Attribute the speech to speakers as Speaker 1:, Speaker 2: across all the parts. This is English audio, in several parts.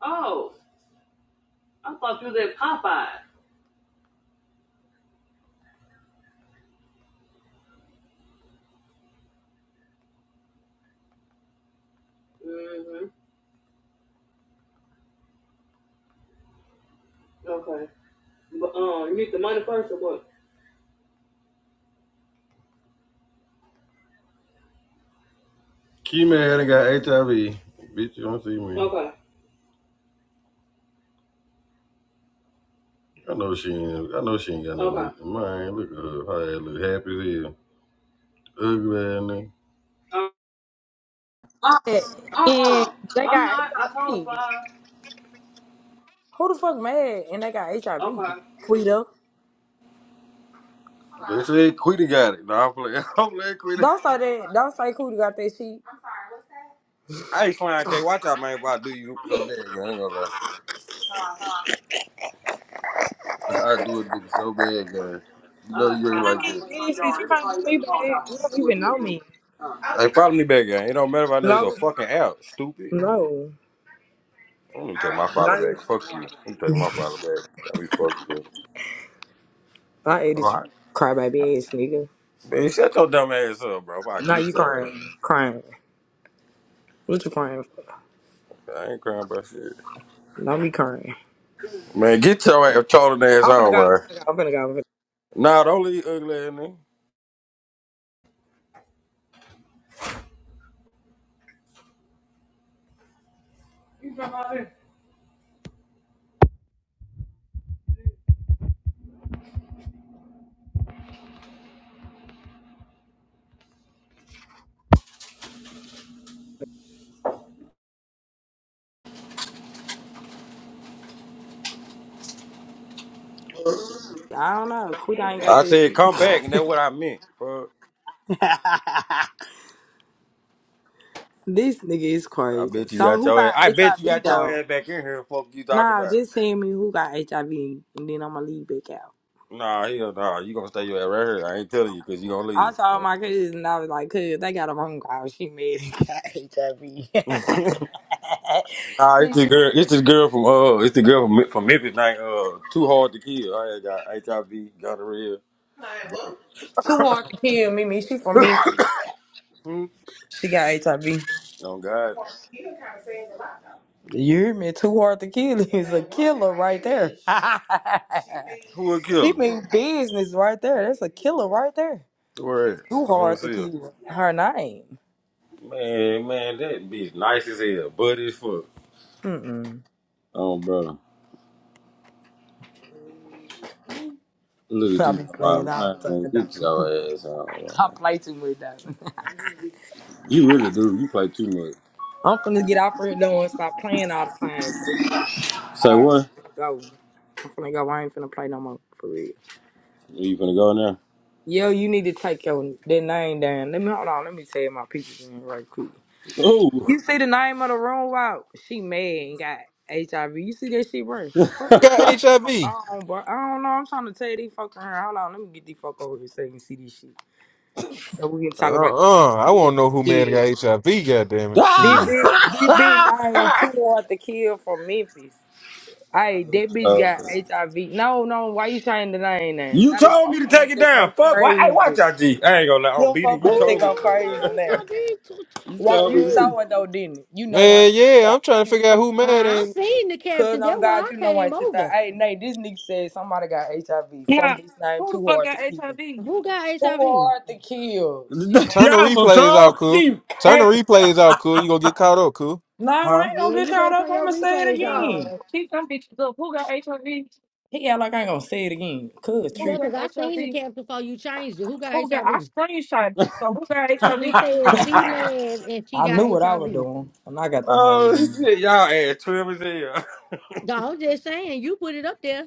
Speaker 1: Oh, I thought you was at Popeye. hmm Okay. But um, you need the money first or what? Key man ain't got HIV. Bitch, you don't see me. Okay. I know she ain't. I know she ain't got no Okay. Man, look at her. Her ass look happy as hell. Ugly ass nigga. Uh
Speaker 2: and
Speaker 1: uh uh.
Speaker 2: they
Speaker 1: I'm
Speaker 2: got
Speaker 1: not. I told her
Speaker 2: HIV.
Speaker 1: five.
Speaker 2: Who the fuck mad and they got HIV?
Speaker 1: Okay.
Speaker 2: Quito.
Speaker 1: They said Quita got it. No, I'm playing. I'm playing Quita.
Speaker 2: Don't say
Speaker 1: Okay.
Speaker 2: that. Don't say Quito got that shit.
Speaker 1: I ain't lying, K. Watch out, man. If I do you so bad, I ain't gonna lie. I do it bitch, so bad, guys. You know you ain't
Speaker 2: I
Speaker 1: like
Speaker 2: ain't did shit. You can't do me bad. You don't even know
Speaker 1: that.
Speaker 2: me.
Speaker 1: Hey, follow me back, gang. It don't matter if I know he's a
Speaker 2: No,
Speaker 1: fucking out, stupid.
Speaker 2: no,
Speaker 1: Let me take my follow
Speaker 2: no.
Speaker 1: back. Fuck you. Let me take my follow back. Got me fucked up.
Speaker 2: I ate
Speaker 1: All
Speaker 2: it.
Speaker 1: right.
Speaker 2: Crybaby ass nigga.
Speaker 1: Man, shut your dumb ass up, bro. If I
Speaker 2: Now
Speaker 1: get
Speaker 2: you
Speaker 1: your ass.
Speaker 2: crying, crying. What you crying for?
Speaker 1: I ain't crying about shit.
Speaker 2: Not be crying.
Speaker 1: Man, get your ass trolling ass
Speaker 2: I'm finna
Speaker 1: on,
Speaker 2: go.
Speaker 1: bro.
Speaker 2: I'm finna go. I'm finna go. I'm finna
Speaker 1: Nah, don't leave ugly ass nigga.
Speaker 2: go. I don't know. Quito ain't got
Speaker 1: I
Speaker 2: that
Speaker 1: said
Speaker 2: shit.
Speaker 1: come back, and that's what I meant. Fuck.
Speaker 2: This nigga is
Speaker 1: I
Speaker 2: crazy.
Speaker 1: bet you
Speaker 2: So
Speaker 1: got
Speaker 2: who
Speaker 1: your ass.
Speaker 2: got
Speaker 1: I bet you
Speaker 2: HIV
Speaker 1: got your
Speaker 2: though?
Speaker 1: ass back in here. Fuck you talking
Speaker 2: Nah,
Speaker 1: about?
Speaker 2: just saying me who got HIV and then I'ma leave back out.
Speaker 1: Nah, hell nah. You gonna stay your ass right here. I ain't telling you because you gonna
Speaker 2: I
Speaker 1: leave.
Speaker 2: saw
Speaker 1: Yep.
Speaker 2: my cousins and I was like, cuz they got a phone call. She mad and got HIV.
Speaker 1: nah,
Speaker 2: she
Speaker 1: it's the
Speaker 2: said,
Speaker 1: girl. It's the girl from uh. It's the girl from from Memphis. Night uh. Too hard to kill. I had got HIV, gonorrhea.
Speaker 2: too hard to kill, Mimi. She from Memphis.
Speaker 1: Hmm.
Speaker 2: She got HIV.
Speaker 1: Oh God.
Speaker 2: You hear me? Too hard to kill is a killer right there.
Speaker 1: Who will
Speaker 2: she
Speaker 1: kill her?
Speaker 2: mean business right there. That's a killer right there.
Speaker 1: Where?
Speaker 2: Too
Speaker 1: I don't
Speaker 2: hard to
Speaker 1: see her.
Speaker 2: kill. Her name.
Speaker 1: Man, man, that bitch nice as hell, but as fuck.
Speaker 2: Mm-mm.
Speaker 1: Oh, brother. Look at
Speaker 2: I
Speaker 1: you,
Speaker 2: be
Speaker 1: my
Speaker 2: playing all the time,
Speaker 1: man. Get
Speaker 2: Diamond.
Speaker 1: your ass
Speaker 2: I
Speaker 1: out.
Speaker 2: play too much, Diamond.
Speaker 1: You really do. You play too much.
Speaker 2: I'm finna get out for here though and stop playing all the time. For real.
Speaker 1: Say
Speaker 2: Alright,
Speaker 1: what?
Speaker 2: I'm go. I'm finna go. I ain't finna play no more. For real.
Speaker 1: Are you gonna go in
Speaker 2: Yo, you need to take your that name down. Let me hold on. Let me tell you my pictures in right quick.
Speaker 1: there? Ooh.
Speaker 2: You see the name of the room? Wow, she mad and got HIV. You see that shit, bro? What the
Speaker 3: got
Speaker 2: fuck going
Speaker 3: HIV?
Speaker 2: on, bro? I don't know. I'm trying to tell these fucking her. Hold on. Let me get these fuck over here so you can see this shit. So we can
Speaker 3: Uh
Speaker 2: talk about these bitch
Speaker 3: uh I
Speaker 2: too
Speaker 3: want
Speaker 2: hard
Speaker 3: to know who
Speaker 2: to
Speaker 3: mad
Speaker 2: kill.
Speaker 3: got HIV. Goddamn it,
Speaker 2: This
Speaker 3: shit.
Speaker 2: bitch, this bitch named too hard to kill from Memphis. Hey, that bitch
Speaker 1: Uh,
Speaker 2: got HIV. No, no, why you trying to name that?
Speaker 1: you
Speaker 2: Now these
Speaker 1: told me
Speaker 2: folks
Speaker 1: to take
Speaker 2: finna
Speaker 1: it
Speaker 2: think
Speaker 1: down.
Speaker 2: I'm
Speaker 1: Fuck. Why? Hey,
Speaker 2: crazy.
Speaker 1: watch out, G. I ain't gonna lie. On
Speaker 2: Them folks
Speaker 1: BD, you
Speaker 2: finna
Speaker 4: Who
Speaker 2: think
Speaker 1: told me to
Speaker 2: I'm
Speaker 4: man
Speaker 1: take it
Speaker 2: crazy
Speaker 4: that
Speaker 2: now.
Speaker 4: got
Speaker 1: down.
Speaker 4: HIV to
Speaker 1: you
Speaker 2: Why
Speaker 1: told me
Speaker 2: you
Speaker 1: to
Speaker 4: TT?
Speaker 2: saw
Speaker 1: take
Speaker 2: it though, didn't you? You know why I
Speaker 3: Man,
Speaker 2: took
Speaker 3: yeah,
Speaker 2: out.
Speaker 3: I'm trying to
Speaker 2: You know
Speaker 3: figure
Speaker 2: why
Speaker 3: out
Speaker 2: I
Speaker 3: who mad
Speaker 2: took out.
Speaker 4: I, I
Speaker 3: and
Speaker 4: seen the
Speaker 2: Cause
Speaker 4: caption. That's
Speaker 2: I'm
Speaker 4: why I
Speaker 2: God, you know why I
Speaker 4: came
Speaker 2: took out.
Speaker 4: over.
Speaker 2: Hey, Nate, this nigga said somebody got HIV. Some
Speaker 5: Yeah.
Speaker 2: bitch named
Speaker 5: Who the
Speaker 2: Too
Speaker 5: fuck
Speaker 2: Hard to
Speaker 5: got
Speaker 2: Kill.
Speaker 5: HIV?
Speaker 4: Who got
Speaker 2: Too
Speaker 4: HIV?
Speaker 2: hard to kill.
Speaker 1: it.
Speaker 2: She
Speaker 1: down.
Speaker 2: from.
Speaker 3: turn the
Speaker 1: y'all some
Speaker 3: replays out,
Speaker 1: troll
Speaker 3: cool.
Speaker 1: sheep.
Speaker 3: Turn the replays out, cool. You gonna get caught up, cool.
Speaker 2: Nah, I
Speaker 1: huh?
Speaker 2: ain't gonna
Speaker 4: Yeah,
Speaker 2: get
Speaker 4: you
Speaker 2: caught
Speaker 4: better
Speaker 2: up.
Speaker 4: turn your
Speaker 2: I'ma say it
Speaker 4: replays off.
Speaker 2: again.
Speaker 5: No. Keep them bitches up. Who got HIV?
Speaker 2: He act like I ain't gonna say it again. Cause
Speaker 4: Yeah,
Speaker 5: Who
Speaker 2: trip.
Speaker 5: got
Speaker 4: because I seen the
Speaker 5: HIV?
Speaker 4: caption before you changed it. Who got
Speaker 5: Who got
Speaker 4: HIV?
Speaker 5: I
Speaker 4: It,
Speaker 5: screenshot. So who got HIV?
Speaker 4: it says she mad and she
Speaker 2: I
Speaker 4: got
Speaker 2: knew what I was
Speaker 4: HIV.
Speaker 2: doing when I got them
Speaker 1: Oh
Speaker 2: hoes in.
Speaker 1: shit, y'all ass trim as hell.
Speaker 4: No, I'm just saying, you put it up there.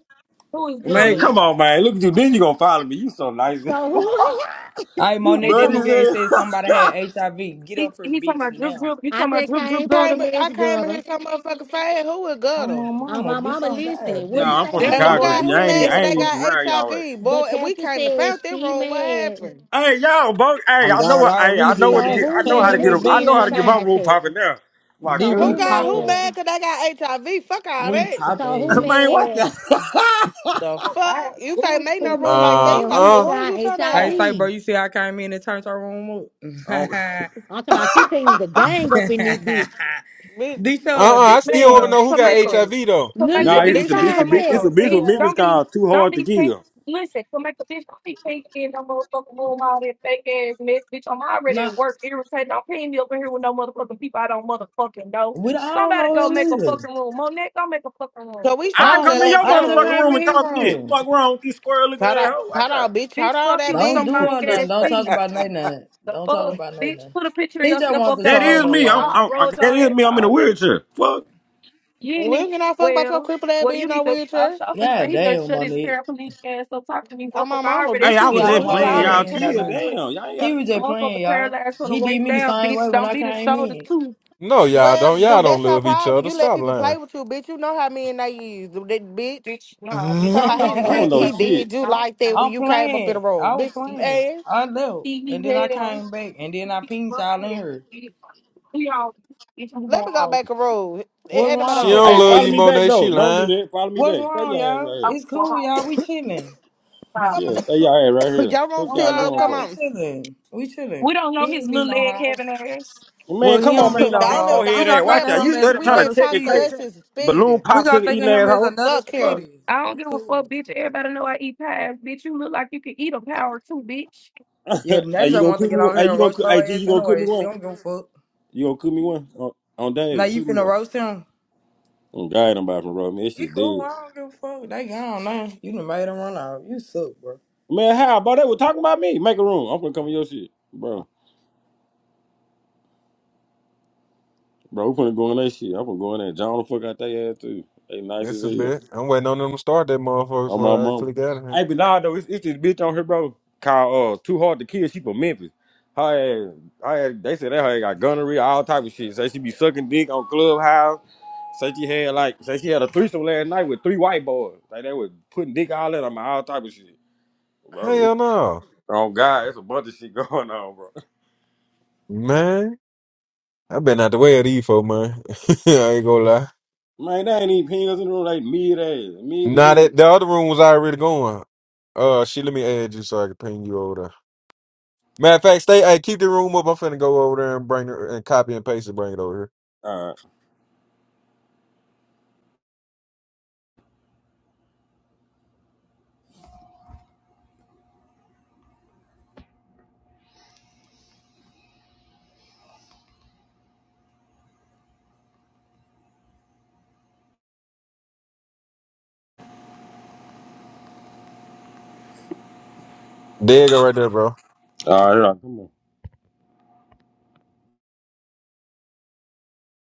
Speaker 5: Who is
Speaker 2: He
Speaker 1: Man,
Speaker 5: good?
Speaker 2: did.
Speaker 1: come on, man. Look at you. Then you gonna follow me. You so nice.
Speaker 4: So who?
Speaker 2: Hey,
Speaker 1: you
Speaker 5: He
Speaker 2: Monet, that
Speaker 1: buddy
Speaker 5: talking
Speaker 1: as
Speaker 2: nigga
Speaker 5: about-
Speaker 2: ain't said somebody
Speaker 1: hell.
Speaker 2: had HIV. Get
Speaker 5: he
Speaker 2: up her
Speaker 5: he talking
Speaker 2: bitch
Speaker 5: about drip
Speaker 2: now.
Speaker 5: drip. You
Speaker 4: I
Speaker 5: talking about
Speaker 4: just
Speaker 5: drip drip
Speaker 4: came for the
Speaker 6: Came,
Speaker 5: daughter?
Speaker 6: I
Speaker 4: Miss
Speaker 6: came in
Speaker 4: gutter.
Speaker 6: here some motherfucking fade. Who was
Speaker 2: Oh,
Speaker 6: gutter?
Speaker 2: my
Speaker 4: Uh,
Speaker 2: mama,
Speaker 4: my
Speaker 2: bitch,
Speaker 4: mama,
Speaker 2: on
Speaker 4: listen,
Speaker 2: God.
Speaker 4: what
Speaker 2: Them,
Speaker 4: it
Speaker 1: nah, I'm
Speaker 4: say,
Speaker 1: from
Speaker 2: I'm,
Speaker 5: That's
Speaker 6: And
Speaker 5: the
Speaker 6: who
Speaker 4: Monique?
Speaker 1: Chicago,
Speaker 5: boy.
Speaker 6: got
Speaker 4: It
Speaker 1: G.
Speaker 6: who
Speaker 1: I ain't, e-
Speaker 6: mad
Speaker 5: That's
Speaker 1: I
Speaker 6: cause
Speaker 4: said,
Speaker 5: the
Speaker 1: ain't
Speaker 6: they
Speaker 5: boy.
Speaker 1: even from
Speaker 6: got
Speaker 1: around y'all
Speaker 6: HIV?
Speaker 4: the
Speaker 6: Boy, and we
Speaker 4: caption
Speaker 6: came and found
Speaker 4: says
Speaker 6: them
Speaker 4: she
Speaker 6: wrong. What
Speaker 4: mad
Speaker 6: happened?
Speaker 1: Hey, y'all, bro. Hey,
Speaker 2: on
Speaker 1: I know
Speaker 2: God,
Speaker 1: what.
Speaker 2: I
Speaker 1: Hey,
Speaker 2: really
Speaker 1: I know
Speaker 2: be a
Speaker 1: what to
Speaker 4: So
Speaker 2: mess.
Speaker 1: get.
Speaker 4: who
Speaker 1: I know
Speaker 2: Can't
Speaker 1: how
Speaker 4: man?
Speaker 1: to
Speaker 2: give
Speaker 4: Let
Speaker 2: me
Speaker 1: get.
Speaker 2: a
Speaker 4: me
Speaker 1: a-
Speaker 4: put
Speaker 1: I
Speaker 4: it
Speaker 2: bean
Speaker 1: know
Speaker 4: in
Speaker 2: in
Speaker 4: the
Speaker 1: how
Speaker 2: her
Speaker 1: to get my
Speaker 2: name.
Speaker 4: side
Speaker 1: room
Speaker 4: chat.
Speaker 1: popping now. My
Speaker 4: So
Speaker 2: Did we
Speaker 6: Who
Speaker 4: who
Speaker 1: cousin.
Speaker 6: got
Speaker 2: pop
Speaker 6: who
Speaker 2: it?
Speaker 4: man?
Speaker 6: mad cause they got HIV? Fuck all
Speaker 2: We
Speaker 6: that.
Speaker 2: pop
Speaker 4: So who
Speaker 2: it.
Speaker 1: Man, what
Speaker 4: man?
Speaker 1: the?
Speaker 6: The
Speaker 5: Oh, all
Speaker 6: fuck?
Speaker 5: right.
Speaker 6: You can't make
Speaker 4: Who
Speaker 6: no
Speaker 5: Bullshit.
Speaker 6: rule like
Speaker 4: man?
Speaker 6: that.
Speaker 3: Uh
Speaker 6: You
Speaker 4: And
Speaker 6: gotta
Speaker 4: who
Speaker 6: put
Speaker 3: uh uh
Speaker 6: who
Speaker 4: got
Speaker 6: you talking
Speaker 4: HIV?
Speaker 2: I
Speaker 6: about?
Speaker 2: say, bro,
Speaker 4: I'm
Speaker 2: you see how I came in and turned her room up?
Speaker 1: oh,
Speaker 4: talking about she putting the gang up in this bitch.
Speaker 6: Bitch,
Speaker 3: uh.
Speaker 2: Disha, the
Speaker 3: I still
Speaker 2: dude
Speaker 3: want
Speaker 2: up
Speaker 3: to
Speaker 5: Man,
Speaker 3: know who
Speaker 2: there
Speaker 3: got
Speaker 5: come
Speaker 2: said,
Speaker 3: HIV though.
Speaker 4: Look,
Speaker 5: Kamika,
Speaker 1: nah,
Speaker 4: look
Speaker 6: br-
Speaker 4: at the
Speaker 1: it's
Speaker 6: This
Speaker 1: a
Speaker 5: bitch,
Speaker 6: should
Speaker 1: bitch.
Speaker 6: just
Speaker 4: side
Speaker 2: I'm
Speaker 4: chat.
Speaker 1: It's
Speaker 2: trying
Speaker 1: a
Speaker 2: to
Speaker 5: Kamika,
Speaker 1: bitch
Speaker 2: tell
Speaker 1: with
Speaker 5: bitch,
Speaker 1: business
Speaker 2: y'all,
Speaker 5: don't
Speaker 2: bro.
Speaker 5: be,
Speaker 1: called Too
Speaker 5: don't
Speaker 1: Hard to
Speaker 5: be pink.
Speaker 1: Kill.
Speaker 5: Listen, Kamika, bitch, don't be pink in no motherfucking room, all that fake ass mess, bitch. I'm already
Speaker 2: Nah,
Speaker 5: at work, irritated. Don't pay me over here with no motherfucking people I don't motherfucking know.
Speaker 2: we, I don't
Speaker 5: Somebody
Speaker 2: know
Speaker 5: go make a
Speaker 2: him either.
Speaker 5: fucking room. Monet, go make a fucking room.
Speaker 6: so we
Speaker 2: I
Speaker 1: I
Speaker 6: shows
Speaker 2: don't
Speaker 1: come
Speaker 6: that
Speaker 1: in
Speaker 2: know.
Speaker 1: your
Speaker 6: left
Speaker 2: I
Speaker 6: y'all
Speaker 2: just
Speaker 1: motherfucking
Speaker 6: rules.
Speaker 2: came
Speaker 1: room
Speaker 2: in
Speaker 1: and
Speaker 2: here
Speaker 1: talk shit.
Speaker 2: wrong.
Speaker 1: Fuck wrong with you, square looking
Speaker 6: Hold on,
Speaker 1: ass hoe.
Speaker 6: hold
Speaker 1: Watch
Speaker 6: on,
Speaker 1: out.
Speaker 6: bitch.
Speaker 5: Bitch,
Speaker 6: Hold on,
Speaker 5: fuck
Speaker 6: that
Speaker 5: you with
Speaker 2: Don't
Speaker 5: them
Speaker 6: bitch.
Speaker 2: do
Speaker 5: long
Speaker 2: her nothing.
Speaker 5: ass
Speaker 2: Don't talk
Speaker 5: feet.
Speaker 2: about nothing. nothing.
Speaker 5: The
Speaker 2: Don't talk
Speaker 5: fuck,
Speaker 2: about nothing.
Speaker 5: bitch,
Speaker 2: nothing.
Speaker 5: put a picture of
Speaker 2: He just
Speaker 5: yourself
Speaker 2: wants
Speaker 5: up
Speaker 2: to
Speaker 5: there
Speaker 1: That
Speaker 5: on my
Speaker 2: troll
Speaker 1: is
Speaker 2: though,
Speaker 1: me.
Speaker 5: mama.
Speaker 1: I'm,
Speaker 2: y'all.
Speaker 5: I'll
Speaker 1: I'm, I-
Speaker 5: roll
Speaker 1: That
Speaker 5: your
Speaker 1: is
Speaker 5: ass
Speaker 1: me. I'm in a
Speaker 5: all day.
Speaker 1: wheelchair. Fuck.
Speaker 5: You
Speaker 6: We
Speaker 5: ain't in,
Speaker 6: don't get no fuck about your
Speaker 5: well,
Speaker 6: crippled ass
Speaker 5: well,
Speaker 6: being
Speaker 5: you
Speaker 6: in no
Speaker 5: need to. I'm
Speaker 6: wheelchair.
Speaker 5: shopping.
Speaker 2: Yeah,
Speaker 5: Say he better
Speaker 2: damn,
Speaker 5: shut his
Speaker 2: Monique.
Speaker 5: paraplegic ass up. Talk to me,
Speaker 6: I'm
Speaker 5: motherfucker.
Speaker 6: my
Speaker 5: I
Speaker 6: mama,
Speaker 5: already,
Speaker 1: Hey,
Speaker 6: bitch.
Speaker 1: I
Speaker 6: You
Speaker 2: See
Speaker 1: was
Speaker 2: how
Speaker 6: get
Speaker 2: them
Speaker 1: just
Speaker 6: pushed
Speaker 5: motherfucker.
Speaker 2: hoes
Speaker 1: playing.
Speaker 5: I
Speaker 2: come
Speaker 6: down.
Speaker 1: Y'all
Speaker 5: already
Speaker 2: in about
Speaker 1: chill.
Speaker 2: me.
Speaker 5: paralyzed from,
Speaker 1: Damn. Y'all ain't got.
Speaker 2: He
Speaker 1: to
Speaker 2: was just
Speaker 5: motherfucker
Speaker 2: playing, y'all.
Speaker 5: paralyzed from the
Speaker 2: He did
Speaker 5: waist
Speaker 2: me the
Speaker 5: down,
Speaker 2: same
Speaker 5: bitch.
Speaker 2: way when
Speaker 5: Don't
Speaker 2: I
Speaker 5: be the
Speaker 2: came
Speaker 5: shoulders
Speaker 2: in.
Speaker 5: too,
Speaker 3: No, y'all
Speaker 6: Well,
Speaker 3: don't. Y'all
Speaker 6: dude,
Speaker 3: don't
Speaker 6: that's your
Speaker 3: love each
Speaker 6: problem.
Speaker 3: other.
Speaker 6: You let
Speaker 3: Stop
Speaker 6: people play
Speaker 3: lying.
Speaker 6: with you, bitch. You know how men they is, dude, that bitch.
Speaker 5: bitch. Nah, bitch.
Speaker 6: Talking
Speaker 5: I'm
Speaker 6: about
Speaker 5: the only
Speaker 6: he,
Speaker 1: I
Speaker 6: he
Speaker 1: don't
Speaker 5: person
Speaker 1: know
Speaker 5: play
Speaker 6: he
Speaker 5: with me.
Speaker 1: shit.
Speaker 6: did you
Speaker 5: Don't,
Speaker 6: like
Speaker 5: uh,
Speaker 6: that when
Speaker 2: I'm
Speaker 6: you came up in the
Speaker 2: playing.
Speaker 6: road,
Speaker 2: I was
Speaker 6: bitch.
Speaker 5: bitch.
Speaker 2: playing.
Speaker 6: Hey,
Speaker 2: I left.
Speaker 5: He me
Speaker 2: And then I
Speaker 5: hell.
Speaker 2: came back. And then
Speaker 5: See
Speaker 2: I
Speaker 5: me
Speaker 2: pinged
Speaker 5: fucking
Speaker 2: y'all in
Speaker 5: hell,
Speaker 2: here.
Speaker 5: We all, bitch. I'm
Speaker 6: let
Speaker 5: going
Speaker 6: me go
Speaker 5: home.
Speaker 6: back a road.
Speaker 2: What's
Speaker 6: Ain't nobody
Speaker 3: She
Speaker 6: over here
Speaker 2: wrong?
Speaker 3: don't
Speaker 1: Hey,
Speaker 6: got
Speaker 3: love
Speaker 1: follow
Speaker 3: you,
Speaker 1: me
Speaker 6: AIDS.
Speaker 1: back
Speaker 3: Monet.
Speaker 1: though.
Speaker 3: She
Speaker 1: Don't do
Speaker 3: lying.
Speaker 1: that. Follow me
Speaker 2: What's
Speaker 1: back. Stay
Speaker 2: wrong,
Speaker 1: your ass
Speaker 2: y'all?
Speaker 1: right
Speaker 5: I'm
Speaker 1: here.
Speaker 2: It's
Speaker 5: going
Speaker 2: cool,
Speaker 5: home.
Speaker 2: y'all. We chilling.
Speaker 5: Wow.
Speaker 6: Come
Speaker 1: Yeah, stay y'all ass right
Speaker 6: on,
Speaker 1: here.
Speaker 6: y'all room
Speaker 1: What
Speaker 2: Oh
Speaker 1: y'all
Speaker 6: still
Speaker 2: God,
Speaker 6: up.
Speaker 1: going
Speaker 6: Come
Speaker 2: y'all,
Speaker 1: for?
Speaker 2: we
Speaker 6: on.
Speaker 2: chilling. We
Speaker 5: We
Speaker 2: chilling.
Speaker 5: don't
Speaker 2: He
Speaker 5: know
Speaker 2: ain't
Speaker 5: his
Speaker 2: not mean
Speaker 5: little
Speaker 2: no
Speaker 5: leg
Speaker 2: harm.
Speaker 5: having ass.
Speaker 1: Man,
Speaker 2: Well, he
Speaker 1: come on,
Speaker 2: don't
Speaker 1: man.
Speaker 2: mean no
Speaker 1: Your
Speaker 6: the
Speaker 1: big
Speaker 6: only
Speaker 2: harm.
Speaker 6: the
Speaker 2: We
Speaker 1: forehead
Speaker 6: only
Speaker 1: ass.
Speaker 2: gonna think
Speaker 1: Watch
Speaker 2: of
Speaker 1: out.
Speaker 2: him
Speaker 1: You
Speaker 2: as
Speaker 6: paraplegic
Speaker 1: study
Speaker 6: we
Speaker 1: trying to
Speaker 2: another
Speaker 6: let
Speaker 1: check
Speaker 6: talk
Speaker 1: it,
Speaker 6: to
Speaker 1: can't
Speaker 2: Speedy.
Speaker 6: us
Speaker 1: check it.
Speaker 6: is
Speaker 1: Balloon
Speaker 6: speeding.
Speaker 2: We gonna
Speaker 1: popsicle
Speaker 2: think of
Speaker 1: eating
Speaker 2: him as
Speaker 1: asshole.
Speaker 2: another
Speaker 6: Fuck him.
Speaker 1: What?
Speaker 2: Speedy.
Speaker 5: I don't
Speaker 2: He
Speaker 5: give a
Speaker 2: cool.
Speaker 5: fuck, bitch. Everybody know I eat pies, bitch. You look like you can eat a power too, bitch.
Speaker 2: Yeah, now
Speaker 1: hey,
Speaker 2: you
Speaker 1: you
Speaker 2: just
Speaker 1: gonna
Speaker 2: want to
Speaker 1: cook
Speaker 2: get
Speaker 1: me one?
Speaker 2: on
Speaker 1: Hey,
Speaker 2: here
Speaker 1: you
Speaker 2: and
Speaker 1: gonna
Speaker 2: roast
Speaker 1: cook?
Speaker 2: your
Speaker 1: Hey, G, you
Speaker 2: ass
Speaker 1: gonna cook me
Speaker 2: anyway. She
Speaker 1: one?
Speaker 2: don't give a fuck.
Speaker 1: You gonna cook me one on, on
Speaker 2: Now
Speaker 1: David?
Speaker 2: you
Speaker 1: Cook me
Speaker 2: finna
Speaker 1: one.
Speaker 2: roast him.
Speaker 1: Oh God, I'm about to rob me. This
Speaker 2: He
Speaker 1: shit
Speaker 2: cool.
Speaker 1: dead.
Speaker 2: I don't give a fuck. They gone now. You done made him run out. You suck, bro.
Speaker 1: Man, how? Bro, they were talking about me. Make a room. I'm gonna come in your shit, bro. Bro, we finna go in that shit. I'm gonna go in there. and John the fuck out that ass too. They nice as
Speaker 3: That's a
Speaker 1: hell.
Speaker 3: bit. I'm waiting on them to start that motherfucker
Speaker 1: On my
Speaker 3: before I
Speaker 1: mama.
Speaker 3: click out of here.
Speaker 1: Hey, but nah, though, it's, it's this bitch on here, bro. Called uh, Too Hard to Kill. She from Memphis. Her ass, her ass, they said that her ass got gonorrhea, all type of shit. Say she be sucking dick on Clubhouse. Say she had like, say she had a threesome last night with three white boys. Like they was putting dick all in them, all type of shit, bro. it's-
Speaker 3: Hell no,
Speaker 1: Oh God, it's a bunch of shit going on, bro.
Speaker 3: man. I've been out the way of these folk, man. I ain't gonna lie.
Speaker 1: Man, they ain't even pingers in the room. They mid ass, mid as
Speaker 3: Now
Speaker 1: hell.
Speaker 3: that the other room was already going. Uh, shit, let me add you so I can ping you over there. Matter of fact, stay. Hey, keep the room up. I'm finna go over there and bring it and copy and paste and bring it over here.
Speaker 1: All right,
Speaker 3: There you go, right there, bro.
Speaker 1: all right, here I come.